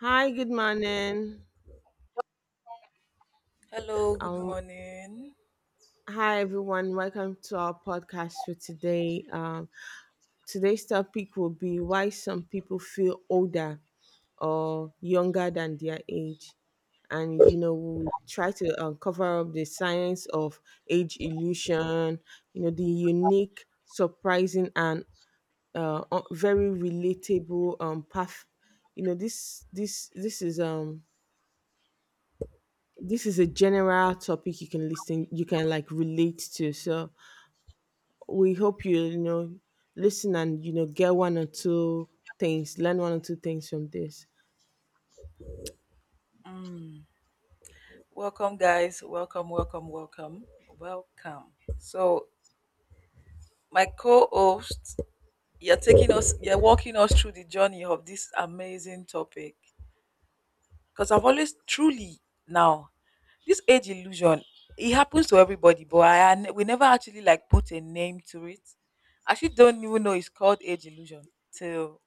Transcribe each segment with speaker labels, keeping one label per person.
Speaker 1: Hi, good morning.
Speaker 2: Hello, good
Speaker 1: Um,
Speaker 2: morning.
Speaker 1: Hi everyone, welcome to our podcast for today. Today's topic will be why some people feel older or younger than their age, and you know we'll try to cover up the science of age illusion. You know, the unique, surprising, and very relatable path. You know, this is a general topic you can listen, you can like relate to, so we hope you, you know, listen and, you know, get one or two things. Learn one or two things from this
Speaker 2: Mm. Welcome, guys. Welcome, welcome, welcome, welcome. So, my co host, you're taking us, you're walking us through the journey of this amazing topic. Because I've always truly now, this age illusion, it happens to everybody, but we never actually like put a name to it. I actually don't even know it's called age illusion till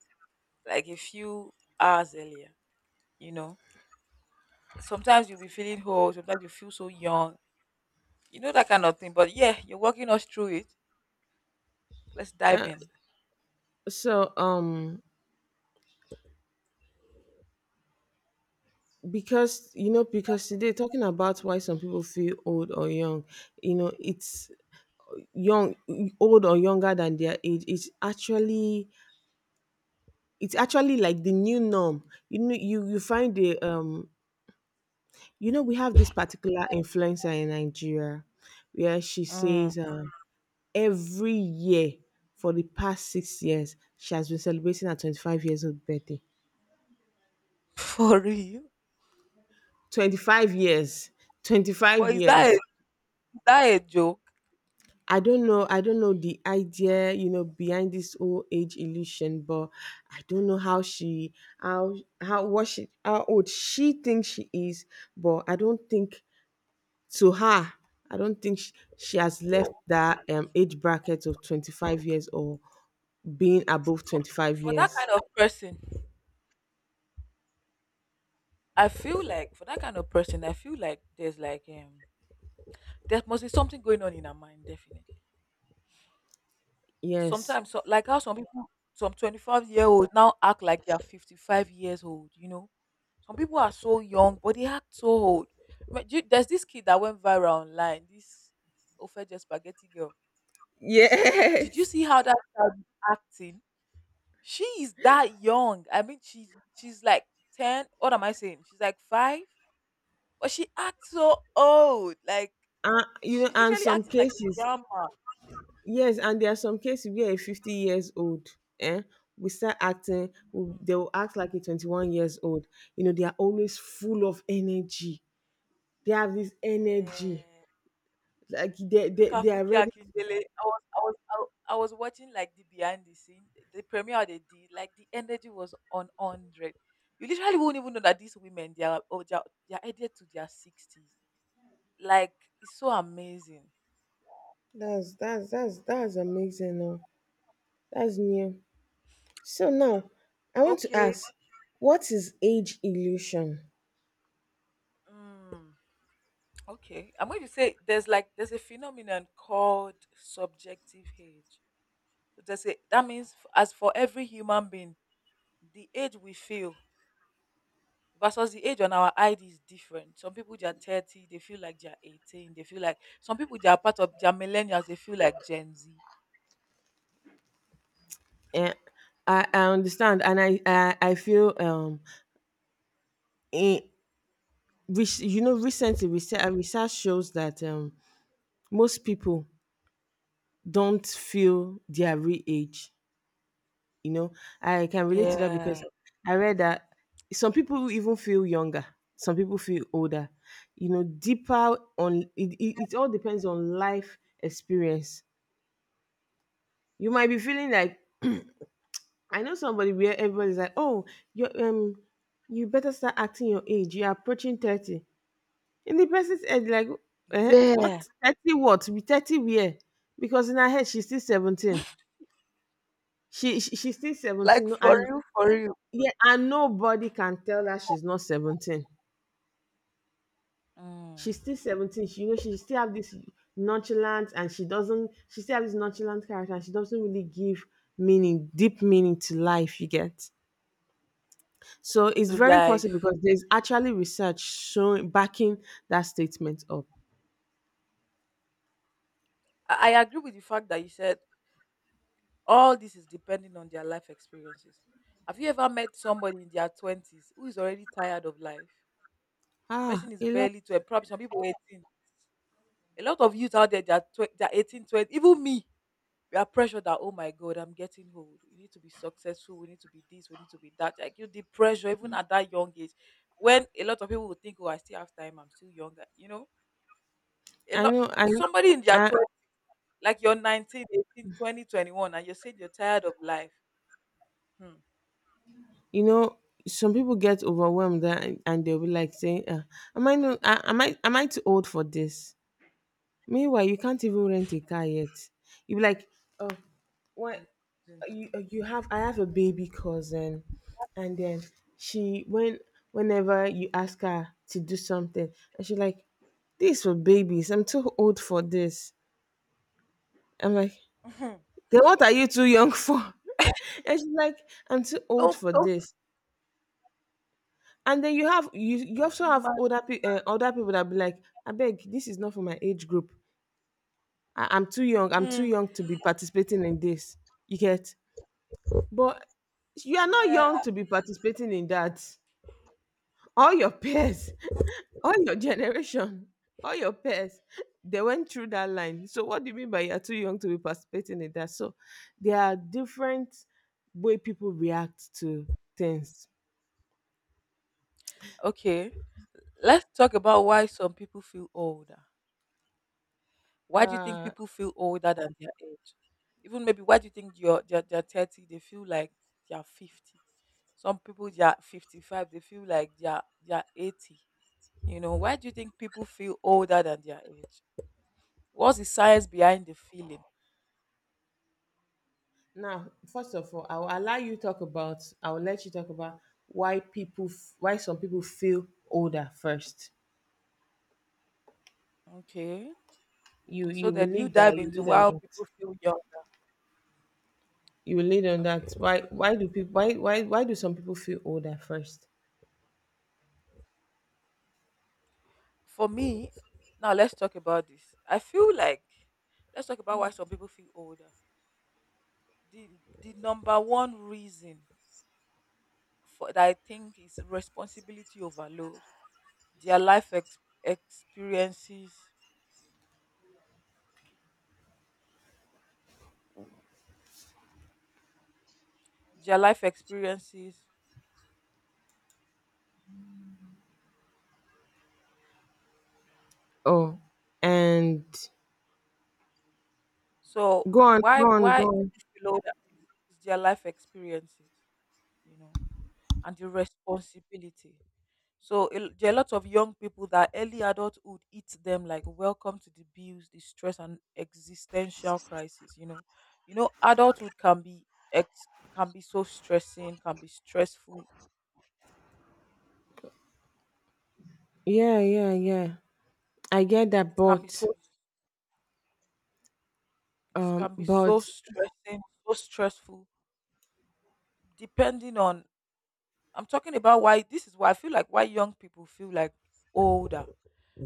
Speaker 2: like a few hours earlier. you know Sometimes you'll be feeling old, sometimes you feel so young. You know that kind of thing. But yeah, you're walking us through it. Let's dive
Speaker 1: uh,
Speaker 2: in.
Speaker 1: so um because you know because today talking about why some people feel old or young, you know, it's young old or younger than their age, it's actually like the new norm. You find the you know, we have this particular influencer in Nigeria where she
Speaker 2: Mm.
Speaker 1: says every year for the past 6 years, she has been celebrating her 25 years old birthday.
Speaker 2: For real.
Speaker 1: 25 years 25
Speaker 2: But is that a,
Speaker 1: years.
Speaker 2: is that a joke?
Speaker 1: I don't know the idea, you know, behind this old age illusion, but I don't know how how, what she, how old she thinks she is, but I don't think, to her, I don't think she has left that age bracket of 25 years or being above
Speaker 2: For
Speaker 1: 25
Speaker 2: for that
Speaker 1: years.
Speaker 2: kind of person, I feel like for that kind of person, I feel like there's like there must be something going on in her mind, definitely.
Speaker 1: Yes.
Speaker 2: Sometimes so, like how some people some 25-year old now act like they're 55 years old. Some people are so young, but they act so old. But there's this kid that went viral online, this Ofeje spaghetti girl. You did you
Speaker 1: Yes.
Speaker 2: see how that child is acting? She is that young. I mean, she's like ten. What am I saying? She's like five, but she acts so old. Like
Speaker 1: You know,
Speaker 2: she's
Speaker 1: and
Speaker 2: literally
Speaker 1: some
Speaker 2: acting like a
Speaker 1: cases,
Speaker 2: grandma.
Speaker 1: yes, and there are some cases where a 50 years old, eh, we start acting,
Speaker 2: Mhm.
Speaker 1: they will act like a 21 years old. You know, they are always full of energy. They have this energy.
Speaker 2: Yeah.
Speaker 1: Like
Speaker 2: Look at
Speaker 1: they are
Speaker 2: Funke
Speaker 1: ready.
Speaker 2: Akindele. I was, I was, I, wa- I was watching like the behind the scene, the premiere they did. Like the energy was on hundred. You literally won't even know that these women they are oh, they are headed to their 60s. Like it's so amazing.
Speaker 1: That's amazing. No? That's new. So now, I want to
Speaker 2: Okay.
Speaker 1: ask, what is age illusion?
Speaker 2: Mm, okay. I'm going to say there's a phenomenon called subjective age. So there's a that means as for every human being, the age we feel versus the age on our ID is different. Some people they are 30, they feel like they are 18, they feel like some people they are millennials, they feel like Gen Z.
Speaker 1: Eh, I understand, and I feel in, you know, research shows that most people don't feel their real age. You know, I can relate to that
Speaker 2: Yeah.
Speaker 1: because I read that some people even feel younger, some people feel older. You know, deeper on it, it all depends on life experience. You might be feeling like, I know somebody where everybody's like, "Oh, you um, you better start acting your age. You're approaching 30." In the person's head, like,
Speaker 2: Yeah.
Speaker 1: what 30? What be 30? Where? Because in her head, she's still 17. She's still
Speaker 2: Like
Speaker 1: 17. No,
Speaker 2: for
Speaker 1: and
Speaker 2: you, for you.
Speaker 1: Yeah, and nobody can tell her she's not 17.
Speaker 2: Mm,
Speaker 1: She's still 17. She, you know, she still have this nonchalant, and she doesn't. She still have this nonchalant character, and she doesn't really give meaning, deep meaning, to life. You get. So it's
Speaker 2: to
Speaker 1: very possible
Speaker 2: life.
Speaker 1: because there's actually research showing, backing that statement up.
Speaker 2: I agree with the fact that you said all this is depending on their life experiences. Have you ever met somebody in their 20s who is already tired of life?
Speaker 1: Ah,
Speaker 2: Person
Speaker 1: a
Speaker 2: is
Speaker 1: lot.
Speaker 2: barely 12, probably some people 18. A lot of youth out there, they're 20, even me. We are pressured that, oh my God, I'm getting old. We need to be successful. We need to be this. We need to be that. Like you, the pressure, even at that young age, when a lot of people would think, oh, I still have time. I'm still younger. You know, a
Speaker 1: I
Speaker 2: lot,
Speaker 1: know.
Speaker 2: somebody in their
Speaker 1: I
Speaker 2: 20s, like you're 19, 18, 20, 21, and you're saying you're tired of life. Hmm.
Speaker 1: You know, some people get overwhelmed, and they'll be like saying, "Am I not? Am I too old for this? Meanwhile, you can't even rent a car yet." You'll be like, oh, what? You have I have a baby cousin, and then she when whenever you ask her to do something, and she like, "This for babies. I'm too old for this." I'm like,
Speaker 2: Imagine.
Speaker 1: "Then what are you too young for?" and she's like, "I'm too old
Speaker 2: Don't
Speaker 1: for
Speaker 2: don't
Speaker 1: this." And then you have, you also have
Speaker 2: ima
Speaker 1: older people that be like, "I beg, this is not for my age group." I'm too young. I'm too
Speaker 2: mm,
Speaker 1: young to be participating in this. You get? But you are not
Speaker 2: yeah.
Speaker 1: young to be participating in that. All your peers, all your generation, all your peers, they went through that line. So what do you mean by you're too young to be participating in that? So there are different way people react to things.
Speaker 2: Okay. Let's talk about why some people feel older. Why do you think
Speaker 1: Uh
Speaker 2: people feel older than their age? Even maybe why do you think you're they're 30, they feel like they're 50. Some people they're 55, they feel like they're 80. You know, why do you think people feel older than their age? What's the science behind the feeling?
Speaker 1: Now, first of all, I will let you talk about why some people feel older first.
Speaker 2: Okay. So that you dive
Speaker 1: You
Speaker 2: into
Speaker 1: lead on
Speaker 2: why
Speaker 1: that.
Speaker 2: people feel young.
Speaker 1: You will lead on that.
Speaker 2: Okay.
Speaker 1: Why do people, why do some people feel older first?
Speaker 2: For me, now let's talk about this. I feel like let's talk about why some people feel older. The the number one reason for that I think is responsibility overload. Their life experiences, their life experiences.
Speaker 1: Oh, and
Speaker 2: So
Speaker 1: go on, go on, go
Speaker 2: why
Speaker 1: on.
Speaker 2: people feel older is their life experiences, you know, and the responsibility. So there are lots of young people that early adulthood eats them like welcome to the bills, the stress and existential crisis. Adulthood can be ex- can be so stressing, can be stressful.
Speaker 1: Yeah, yeah, yeah, I get that,
Speaker 2: It can be
Speaker 1: but
Speaker 2: so it
Speaker 1: um
Speaker 2: can be
Speaker 1: but
Speaker 2: so stressing, so stressful. Depending on, I'm talking about why this is why I feel like why young people feel like older.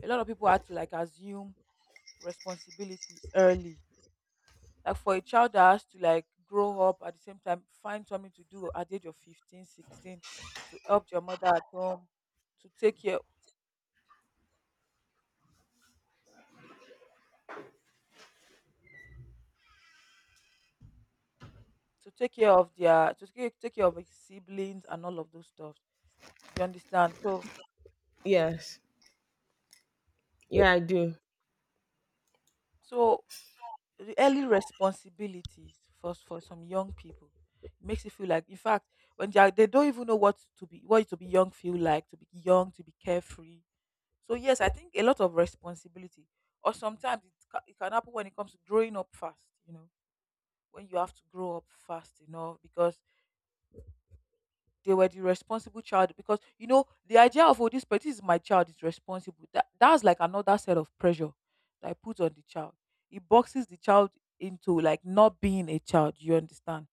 Speaker 2: A lot of people had to like assume responsibility early like for a child that has to like grow up at the same time find something to do at the age of 15, 16, to help your mother at home, to take care to take care of their to take, take care of his siblings and all of those stuff. You understand? So
Speaker 1: yes, yeah, I do.
Speaker 2: so the early responsibilities for some young people makes you feel like, in fact, when they don't even know what to be young feel like to be young, to be carefree. So yes, I think a lot of responsibility, or sometimes it can happen when it comes to growing up fast. You know, when you have to grow up fast enough because they were the responsible child. Because you know the idea of, oh this, but this is my child is responsible. That that's like another set of pressure that I put on the child. It boxes the child into like not being a child. You understand?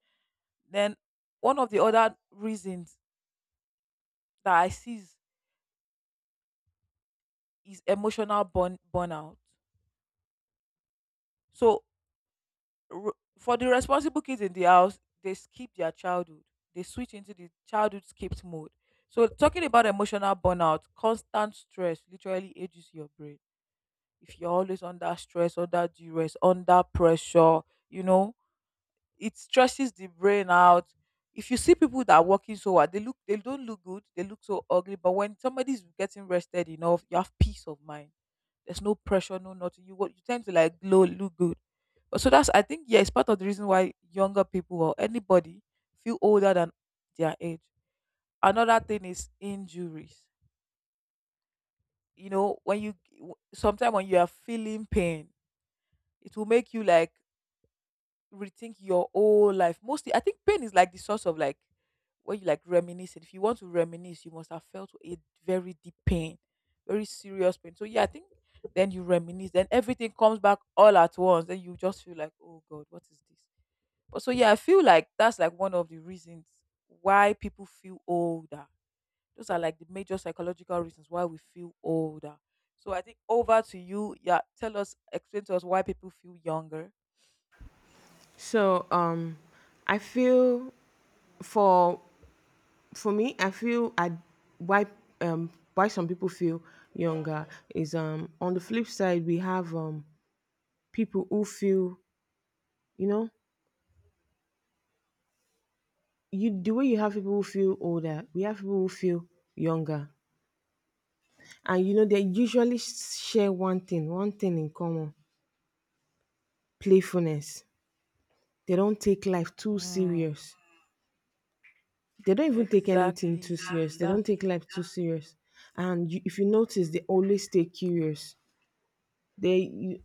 Speaker 2: Then one of the other reasons that I see is emotional burnout. So for the responsible kids in the house, they skip their childhood. They switch into the childhood skipped mode. So talking about emotional burnout, constant stress literally ages your brain. If you're always under stress, under duress, under pressure, you know, it stresses the brain out. If you see people that are working so hard, they look, they don't look good, they look so ugly. But when somebody's getting rested enough, you have peace of mind, there's no pressure, no nothing. You, what you tend to like glow, look good. But so that's, I think, yeah, it's part of the reason why younger people or anybody feel older than their age. Another thing is injuries. You know, when you sometimes when you are feeling pain, it will make you like rethink your whole life. Mostly, I think pain is like the source of like when you like reminisce. If you want to reminisce, you must have felt a very deep pain, very serious pain. So yeah, I think then you reminisce, then everything comes back all at once. Then you just feel like, oh God, what is this? But so yeah, I feel like that's like one of the reasons why people feel older. Those are like the major psychological reasons why we feel older. So I think over to you. Yeah, tell us, explain to us why people feel younger.
Speaker 1: So I feel for for me, I feel I why why some people feel younger is, on the flip side, we have people who feel, you know, you, the way you have people who feel older, we have people who feel younger. And you know, they usually share one thing in common: playfulness. They don't take life too
Speaker 2: Mm.
Speaker 1: serious. They don't even take anything too
Speaker 2: Exactly.
Speaker 1: serious. They
Speaker 2: That's
Speaker 1: don't take life too serious. And you, if you notice, they always stay curious. They, you,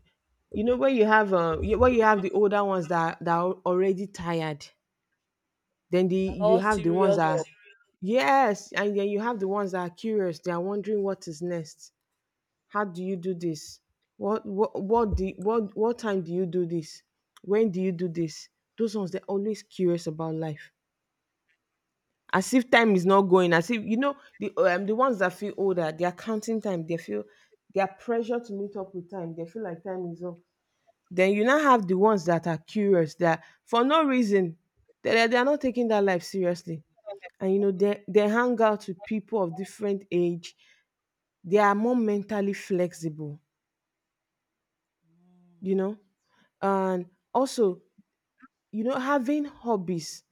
Speaker 1: you know, when you have when you have the older ones that are already tired, then the
Speaker 2: and
Speaker 1: you
Speaker 2: all
Speaker 1: have the ones
Speaker 2: serious
Speaker 1: that,
Speaker 2: up.
Speaker 1: yes, and then you have the ones that are curious. They are wondering what is next. How do you do this? What time do you do this? When do you do this? Those ones, they're always curious about life, as if time is not going. As if, you know, the ones that feel older, they are counting time. They feel they are pressure to meet up with time. They feel like time is up. Then you now have the ones that are curious, that for no reason, they are not taking that life seriously. And you know, they hang out with people of different age. They are more mentally flexible. You
Speaker 2: Mm.
Speaker 1: know, and also, you know, having hobbies,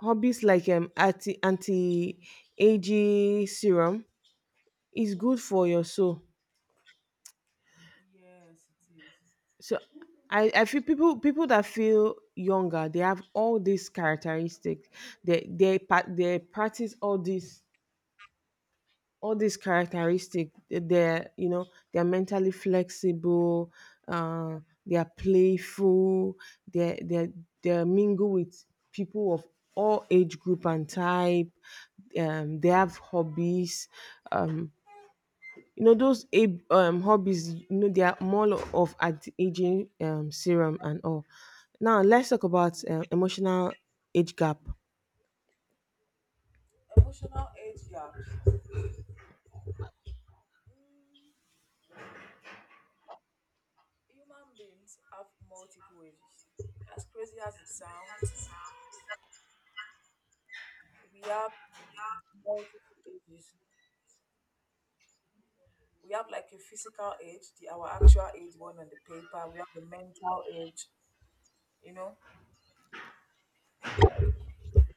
Speaker 1: hobbies like anti aging serum is good for your soul.
Speaker 2: Yes, it is.
Speaker 1: So I feel people, people that feel younger, they have all these characteristics. They practice all this, all these they're, you know, they're mentally flexible, uh, they're playful, they're they're they mingle with people of all age group and type, they have hobbies, um, you know, those, hobbies, you know, they are more of anti-aging, serum and all. Now let's talk about
Speaker 2: Oh.
Speaker 1: emotional age gap.
Speaker 2: Emotional age gaps. Mm, human beings have multiple ages. As crazy as it sounds, we have multiple ages. We have like a physical age, the our actual age one on the paper. We have a mental age, you know.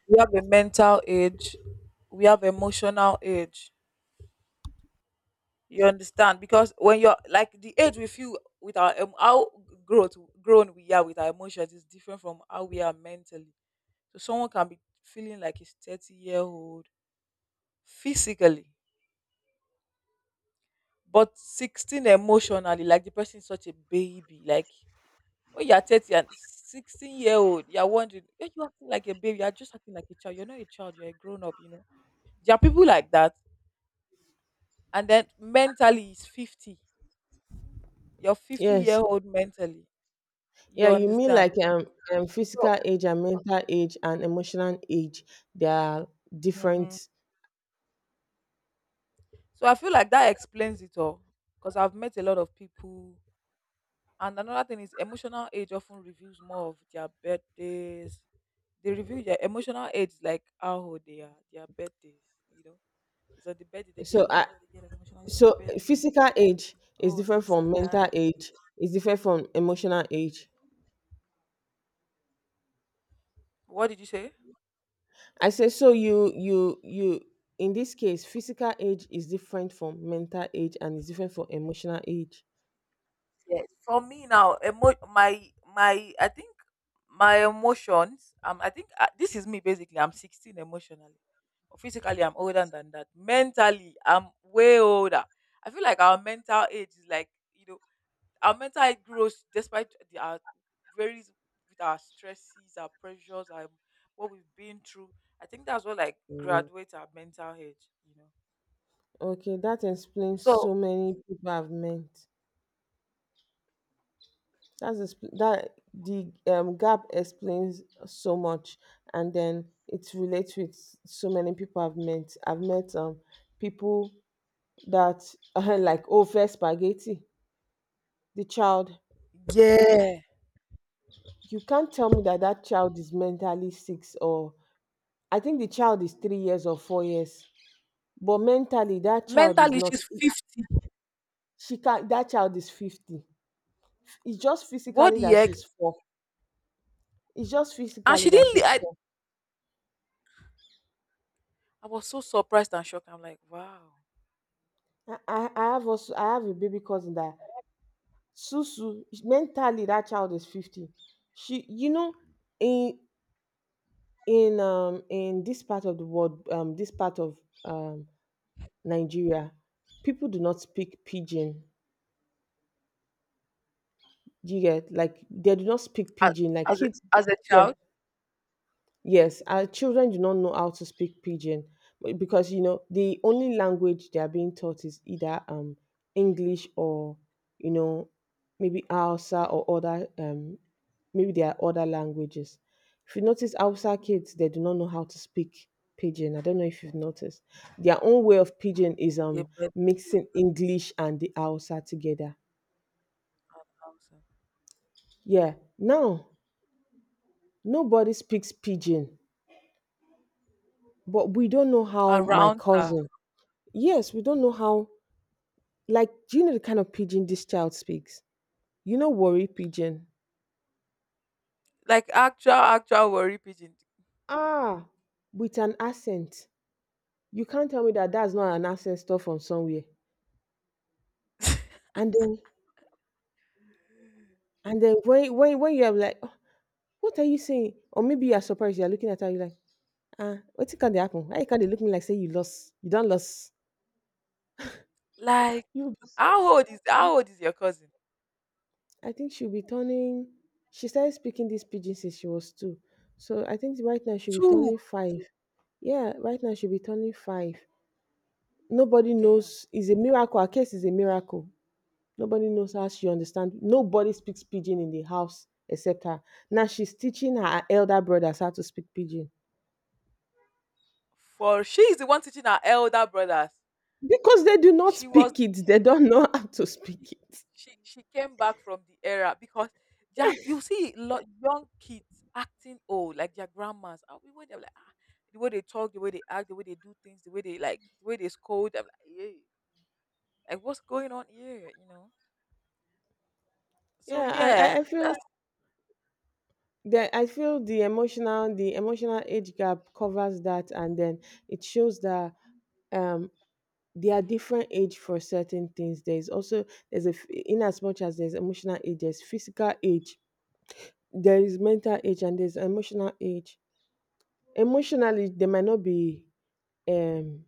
Speaker 2: We have a mental age. We have emotional age. You understand? Because when you're like the age we feel with our how growth grown we are with our emotions is different from how we are mentally. So someone can be feeling like he's 30-year-old physically, but 16 emotionally, like the person is such a baby. Like when you're 30 and 16-year-old, you're wondering, are you acting like a baby? You're just acting like a child. You're not a child, you're a grown up, you know. There are people like that. And then mentally is 50. You're 50 year
Speaker 1: Yes.
Speaker 2: old mentally. You
Speaker 1: Yeah, you mean
Speaker 2: understand?
Speaker 1: like,
Speaker 2: So
Speaker 1: physical age and mental age and emotional age, they are
Speaker 2: hmm
Speaker 1: different.
Speaker 2: So I feel like that explains it all because I've met a lot of people. And another thing is emotional age often reveals more of their birthdays. They reveal their emotional age, like how old they are, their birthdays. You know, it's on the birthday they
Speaker 1: So
Speaker 2: get,
Speaker 1: I
Speaker 2: oh, they get emotional. It's my
Speaker 1: so
Speaker 2: birthday.
Speaker 1: physical age is
Speaker 2: Oh,
Speaker 1: different
Speaker 2: this
Speaker 1: from
Speaker 2: and that.
Speaker 1: mental age, is different from emotional age.
Speaker 2: What did you say?
Speaker 1: I say so, you in this case, physical age is different from mental age, and is different from emotional age.
Speaker 2: Yes, for me now, my I think my emotions. I think this is me basically. I'm 16 emotionally, physically I'm older than that. Mentally, I'm way older. I feel like our mental age is like, our mental age grows despite our varies with our stresses, our pressures, our what we've been through. I think that's what like graduates our mental age. You know,
Speaker 1: Okay, that explains
Speaker 2: so
Speaker 1: so many people have meant. That, the gap explains so much, and then it relates with so many people I've met. I've met people that are like over spaghetti. The child,
Speaker 2: yeah,
Speaker 1: you can't tell me that that child is mentally six, or I think the child is 3 years or 4 years, but mentally that child is
Speaker 2: mentally
Speaker 1: not.
Speaker 2: she's 50.
Speaker 1: She can, that child is 50. It's just
Speaker 2: What
Speaker 1: physically
Speaker 2: the
Speaker 1: that
Speaker 2: heck?
Speaker 1: she's four. It's just
Speaker 2: And
Speaker 1: physically
Speaker 2: she
Speaker 1: that she's
Speaker 2: didn't.
Speaker 1: four.
Speaker 2: I was so surprised and shocked. I'm like, wow.
Speaker 1: I have also, I have a baby cousin, that Susu, mentally that child is 50. She, you know, in in this part of the world, this part of um Nigeria, people do not speak Pidgin. Do you get? Like, they do not speak
Speaker 2: As,
Speaker 1: Pidgin like
Speaker 2: as, a,
Speaker 1: kids.
Speaker 2: as a
Speaker 1: Yeah.
Speaker 2: child,
Speaker 1: Yes, our children do not know how to speak Pidgin, because, you know, the only language they are being taught is either English or, you know, maybe Hausa or other maybe there are other languages. If you notice, Hausa kids, they do not know how to speak Pidgin. I don't know if you've noticed. Their own way of Pidgin is
Speaker 2: they bird
Speaker 1: mixing English and the Hausa together.
Speaker 2: house eh?
Speaker 1: Yeah. Now, nobody speaks Pidgin, but we don't know how. My
Speaker 2: Around her.
Speaker 1: cousin, yes, we don't know how. Like, do you know the kind of Pidgin this child speaks? You know, worry Pidgin.
Speaker 2: Like actual, actual worry pigeon.
Speaker 1: Ah, with an accent. You can't tell me that that's not an accent stuff from somewhere. And then, when you are like, "Oh, what are you saying?" Or maybe you are surprised. You are looking at her. You are like, ah, what can they happen? Why can't they look me, like say you lost? You don't lost.
Speaker 2: Like,
Speaker 1: You. Be-
Speaker 2: how old is your cousin?
Speaker 1: I think she'll be turning. She started speaking this Pidgin since she was two. So I think right now she'll be
Speaker 2: Two.
Speaker 1: turning five. Yeah, right now she'll be turning five. Nobody
Speaker 2: Damn.
Speaker 1: knows. Is a miracle. Her case is a miracle. Nobody knows how she understands. Nobody speaks Pidgin in the house except her. Now she's teaching her elder brothers how to speak Pidgin
Speaker 2: For she is the one teaching her elder brothers.
Speaker 1: because they do not
Speaker 2: She was
Speaker 1: speak it. They don't know how to
Speaker 2: she
Speaker 1: speak it.
Speaker 2: she came back from the era because yeah, you see lot young kids acting old like their grandmas. And we were there like the way they talk, the way they act, the way they do things, the way they scold. I'm like, yeah, like what's going on here? You know. So
Speaker 1: Yeah, I,
Speaker 2: yeah,
Speaker 1: I, I feel
Speaker 2: that's
Speaker 1: that I feel the emotional age gap covers that, and then it shows that um they are different age for certain things. There is also in as much as there's emotional age, there's physical age. There is mental age and there's emotional age. Emotionally, they might not be, um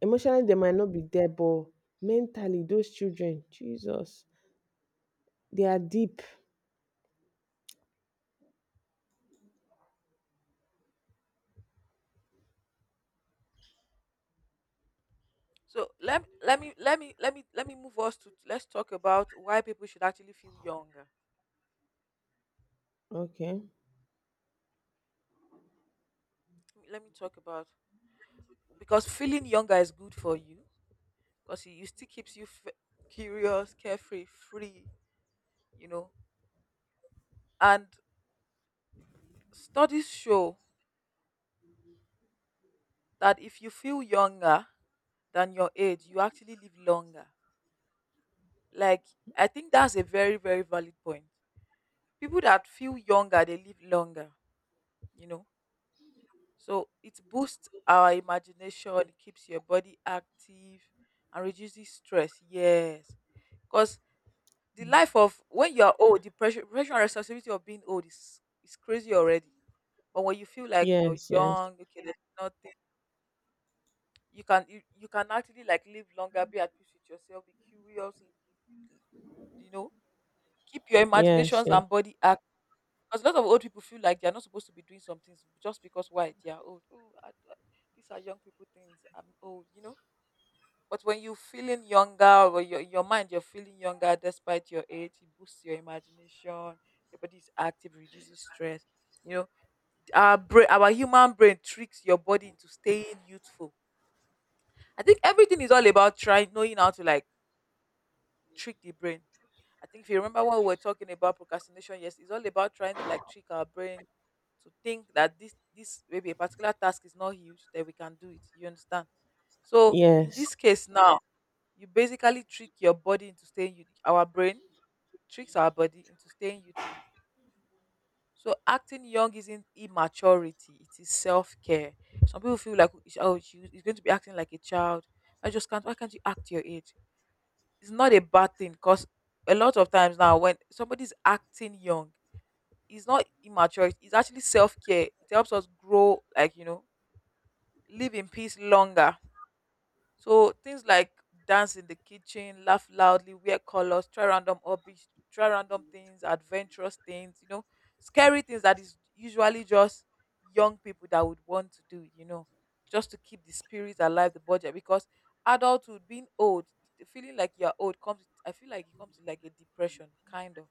Speaker 1: emotionally they might not be there, but mentally, those children, Jesus, they are deep.
Speaker 2: so. Let let me let me let me let me move us to, let's talk about why people should actually feel younger.
Speaker 1: Okay.
Speaker 2: Let me talk about, because feeling younger is good for you, because it still keeps you curious, carefree, free. You know. And studies show that if you feel younger than your age, you actually live longer. Like, I think that's a very, very valid point. People that feel younger, they live longer, you know. So it boosts our imagination, it keeps your body active and reduces stress. Yes. Because the life of when you are old, the pressure and responsibility of being old is crazy already. But when you feel like you're
Speaker 1: Yes, yes,
Speaker 2: young, okay, there's nothing you can, you can actually like live longer, be at peace with yourself, be curious, you know, keep your
Speaker 1: yes,
Speaker 2: imaginations
Speaker 1: yes,
Speaker 2: and body act. Because a lot of old people feel like they're not supposed to be doing some things just because why they are old. Oh, these are young people things, I'm old, you know. But when you're feeling younger, or your mind, you're feeling younger despite your age, it boosts your imagination, your body is active, reduces stress, you know. Our brain, our human brain tricks your body into staying youthful. I think everything is all about trying, knowing how to like trick the brain. I think if you remember what we were talking about procrastination, yes, it's all about trying to like trick our brain to think that this maybe a particular task is not huge, that we can do it. You understand? So in
Speaker 1: yes,
Speaker 2: this case now, you basically trick your body into staying youth. Our brain tricks our body into staying youthful. So acting young isn't immaturity; it is self care. Some people feel like, oh, she's going to be acting like a child. I just can't. Why can't you act your age? It's not a bad thing, because a lot of times now when somebody's acting young, it's not immature. It's actually self care. It helps us grow, like, you know, live in peace longer. So things like dance in the kitchen, laugh loudly, wear colors, try random hobbies, try random things, adventurous things, you know, scary things that is usually just young people that would want to do, you know, just to keep the spirit alive, the body. Because adulthood, being old, the feeling like you're old comes, I feel like it comes with like a depression, kind of.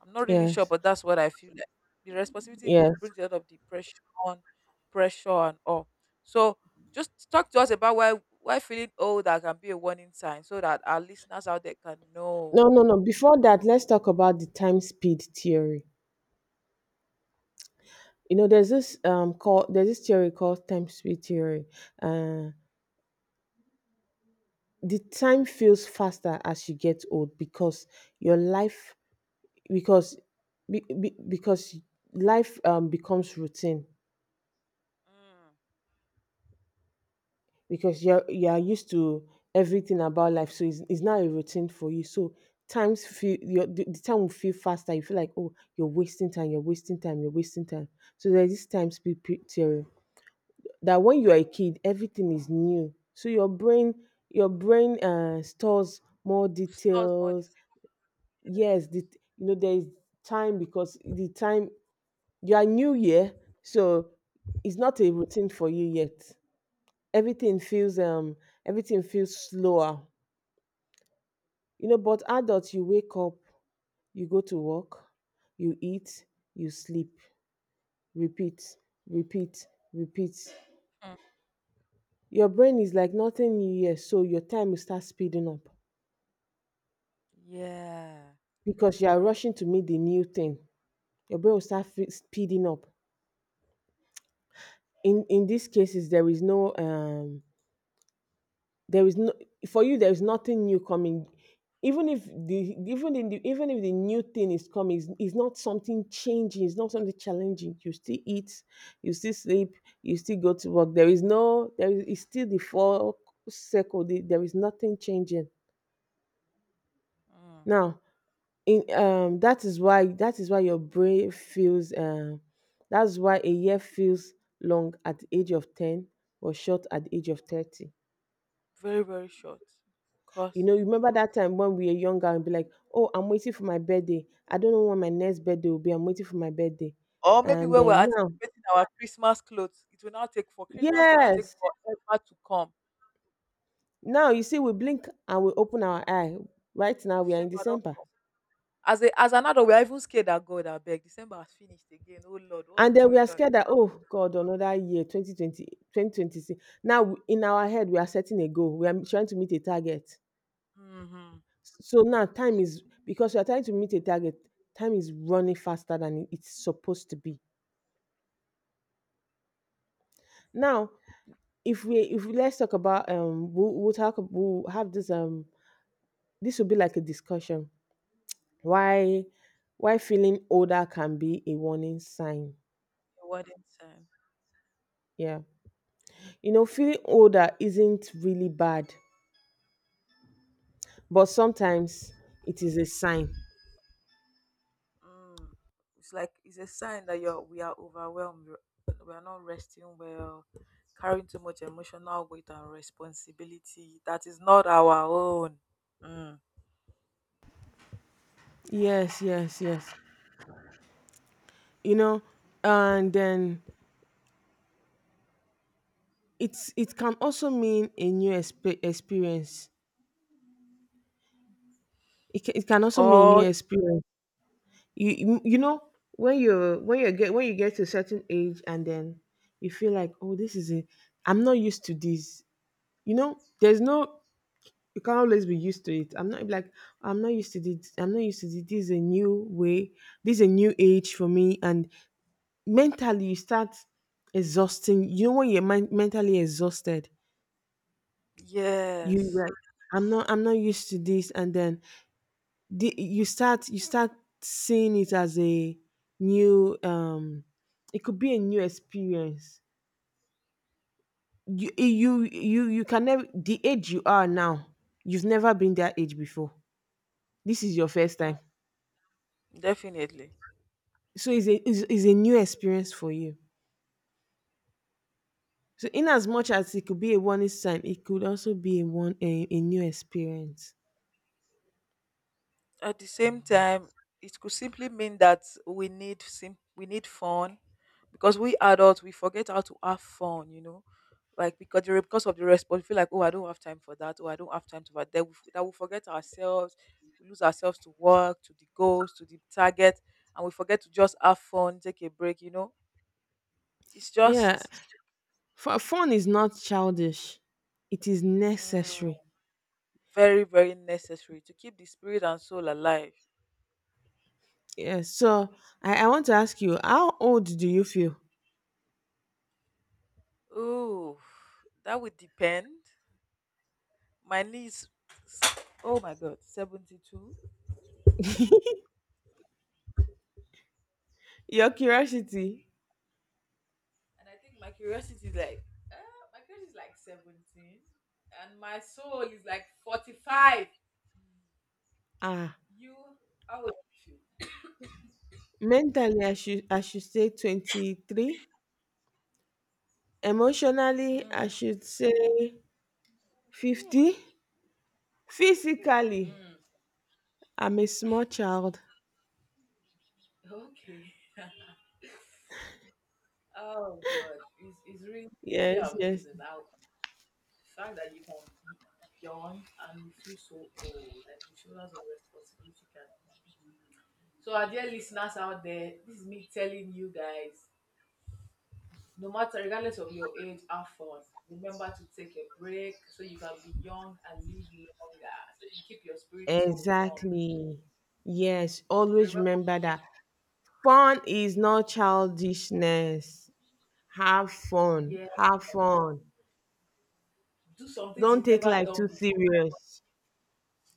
Speaker 2: I'm not really sure,
Speaker 1: yes,
Speaker 2: but that's what I feel like. The responsibility
Speaker 1: yes.
Speaker 2: brings a lot of depression, pressure, and all. So just talk to us about why feeling old that can be a warning sign, so that our listeners out there can know.
Speaker 1: No, no, no. Before that, let's talk about the time speed theory. You know, there's this call there's this theory called time speed theory. Uh the time feels faster as you get old because your life, because because life, becomes routine
Speaker 2: Mm.
Speaker 1: because you are used to everything about life, so it's not a routine for you, so times feel your the time will feel faster. You feel like, oh, you're wasting time, you're wasting time, you're wasting time. So there's this theory that when you're a kid, everything is new, so your brain, stores more
Speaker 2: Stores more
Speaker 1: details. Yes, the,
Speaker 2: details.
Speaker 1: you know, there is time because the time. You are new year, so it's not a routine for you yet. Everything feels um everything feels slower. You know, but adults, you wake up, you go to work, you eat, you sleep, repeat, repeat, repeat.
Speaker 2: Mm.
Speaker 1: Your brain is like nothing new year, so your time will start speeding up
Speaker 2: Yeah.
Speaker 1: because you are rushing to meet the new thing. Your brain will start speeding up. In these cases, there is no, there is no, for you there is nothing new coming. Even if the, even if the new thing is coming, it's not something changing, it's not something challenging. You still eat, you still sleep, you still go to work. There is no, there is, it's still the four circle, the, there is nothing changing
Speaker 2: Mm.
Speaker 1: now. In That is why, your brain feels, that's why a year feels long at the age of 10 or short at the age of 30.
Speaker 2: Very very short.
Speaker 1: You
Speaker 2: Cause,
Speaker 1: know, you remember that time when we were younger and be like, oh, I'm waiting for my birthday. I don't know when my next birthday will be. I'm waiting for my birthday.
Speaker 2: or maybe
Speaker 1: And
Speaker 2: when we're
Speaker 1: then now,
Speaker 2: anticipating our Christmas clothes, it will now take for Christmas will now take
Speaker 1: yes.
Speaker 2: forever to come.
Speaker 1: Now you see, we blink and we open our eye. Right now, we are in
Speaker 2: December don't
Speaker 1: December.
Speaker 2: come. As a as an adult, we are even scared that, God, I abeg, December has finished again. Oh Lord, what's
Speaker 1: And then we
Speaker 2: going
Speaker 1: are
Speaker 2: on?
Speaker 1: scared that, oh, God, another year, 2020, 2026. Now, we- in our head, we are setting a goal. We are trying to meet a target.
Speaker 2: Mm-hmm.
Speaker 1: So now time is, because we are trying to meet a target, time is running faster than it's supposed to be. Now, if we let's talk about, we'll have this, this will be like a discussion why why feeling older can be a warning sign.
Speaker 2: Your wedding time.
Speaker 1: Yeah, you know, feeling older isn't really bad, but sometimes it is a sign.
Speaker 2: Mm. It's like it's a sign that you're we are overwhelmed. We are not resting well, carrying too much emotional weight and responsibility that is not our own. Mm.
Speaker 1: Yes, yes, yes. You know, and then it's, it can also mean a new experience. It can also mean a
Speaker 2: Oh.
Speaker 1: new experience. You, you know, when you, when you get to a certain age, and then you feel like, oh, this is it, I'm not used to this. You know, there's no, you can't always be used to it. I'm not like, I'm not used to this, I'm not used to this. This is a new way, this is a new age for me, and mentally you start exhausting. You know, when you're mentally exhausted, you
Speaker 2: Yes,
Speaker 1: like, I'm not used to this. And then the, you start seeing it as a new, it could be a new experience. You, you can never, the age you are now, you've never been that age before. This is your first
Speaker 2: mm,
Speaker 1: time.
Speaker 2: definitely.
Speaker 1: So it's a, it's a new experience for you. So in as much as it could be a warning sign, it could also be a one, a new experience.
Speaker 2: At the same time, it could simply mean that we need we need fun, because we adults, we forget how to have fun, you know. Like because because of the response, we feel like, oh I don't have time for that, oh I don't have time to that. Then we forget ourselves, we lose ourselves to work, to the goals, to the target, and we forget to just have fun, take a break, you know. It's
Speaker 1: Yeah.
Speaker 2: just
Speaker 1: For, fun is not childish, it is necessary.
Speaker 2: mm, very very necessary to keep the spirit and soul alive.
Speaker 1: Yeah, so I, want to ask you, how old do you feel?
Speaker 2: Oh, that would depend. My niece, oh my god, 72.
Speaker 1: Your curiosity,
Speaker 2: And I think my curiosity is like uh, my curiosity is like 17, and my soul is like 45.
Speaker 1: ah,
Speaker 2: You, how would you
Speaker 1: mentally I should, say 23, emotionally
Speaker 2: feel?
Speaker 1: I
Speaker 2: Mm,
Speaker 1: should say 50, physically
Speaker 2: mm,
Speaker 1: I'm a small child.
Speaker 2: okay. Oh god, it's really really
Speaker 1: Yes, yes.
Speaker 2: amazing how, the fact that you can be young and you feel so old, like the shoulders of responsibility can. So our dear listeners out there, this is me telling you guys, no matter, regardless of your age, have fun. Remember to take a break so you can be young and live longer. So you keep your spirit so young.
Speaker 1: Exactly. Yes,
Speaker 2: So
Speaker 1: always
Speaker 2: remember
Speaker 1: remember
Speaker 2: to,
Speaker 1: that fun is not childishness. Have fun.
Speaker 2: yeah,
Speaker 1: Have fun.
Speaker 2: do some things
Speaker 1: Don't
Speaker 2: you've
Speaker 1: take
Speaker 2: never
Speaker 1: life
Speaker 2: done
Speaker 1: too
Speaker 2: before.
Speaker 1: serious.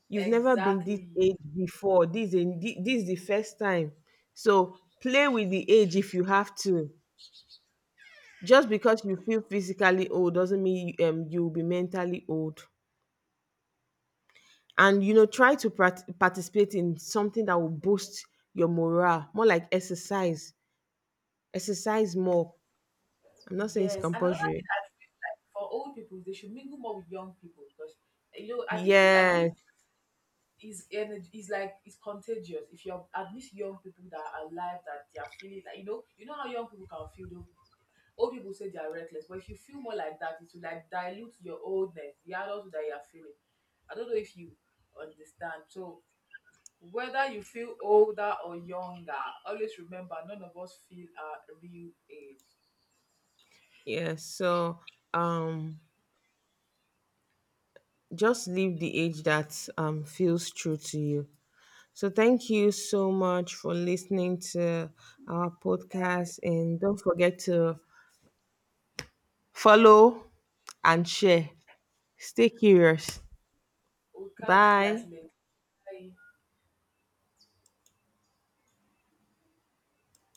Speaker 1: You've never been this
Speaker 2: Exactly.
Speaker 1: age before. This is the first time. So play with the age if you have to. Just because you feel physically old doesn't mean, you'll be mentally old. And you know, try to participate in something that will boost your morale, more like exercise. Exercise more. I'm not saying it's
Speaker 2: Yes. And another
Speaker 1: compulsory.
Speaker 2: thing I feel, for old people, they should mingle more with young people, because you know, I think feel like this
Speaker 1: Yes,
Speaker 2: is energy is like it's contagious. If you're at least young people that are alive, that they are feeling like, you know how young people can feel though. Old people say they are reckless, but if you feel more like that, it will like dilute your oldness, the adulthood that you are feeling. I don't know if you understand. So whether you feel older or younger, always remember none of us feel our real age.
Speaker 1: yes, so, um just live the age that, feels true to you. So, thank you so much for listening to our podcast. And don't forget to follow and share. Stay curious.
Speaker 2: We'll catch you guys
Speaker 1: Bye.
Speaker 2: later. Bye.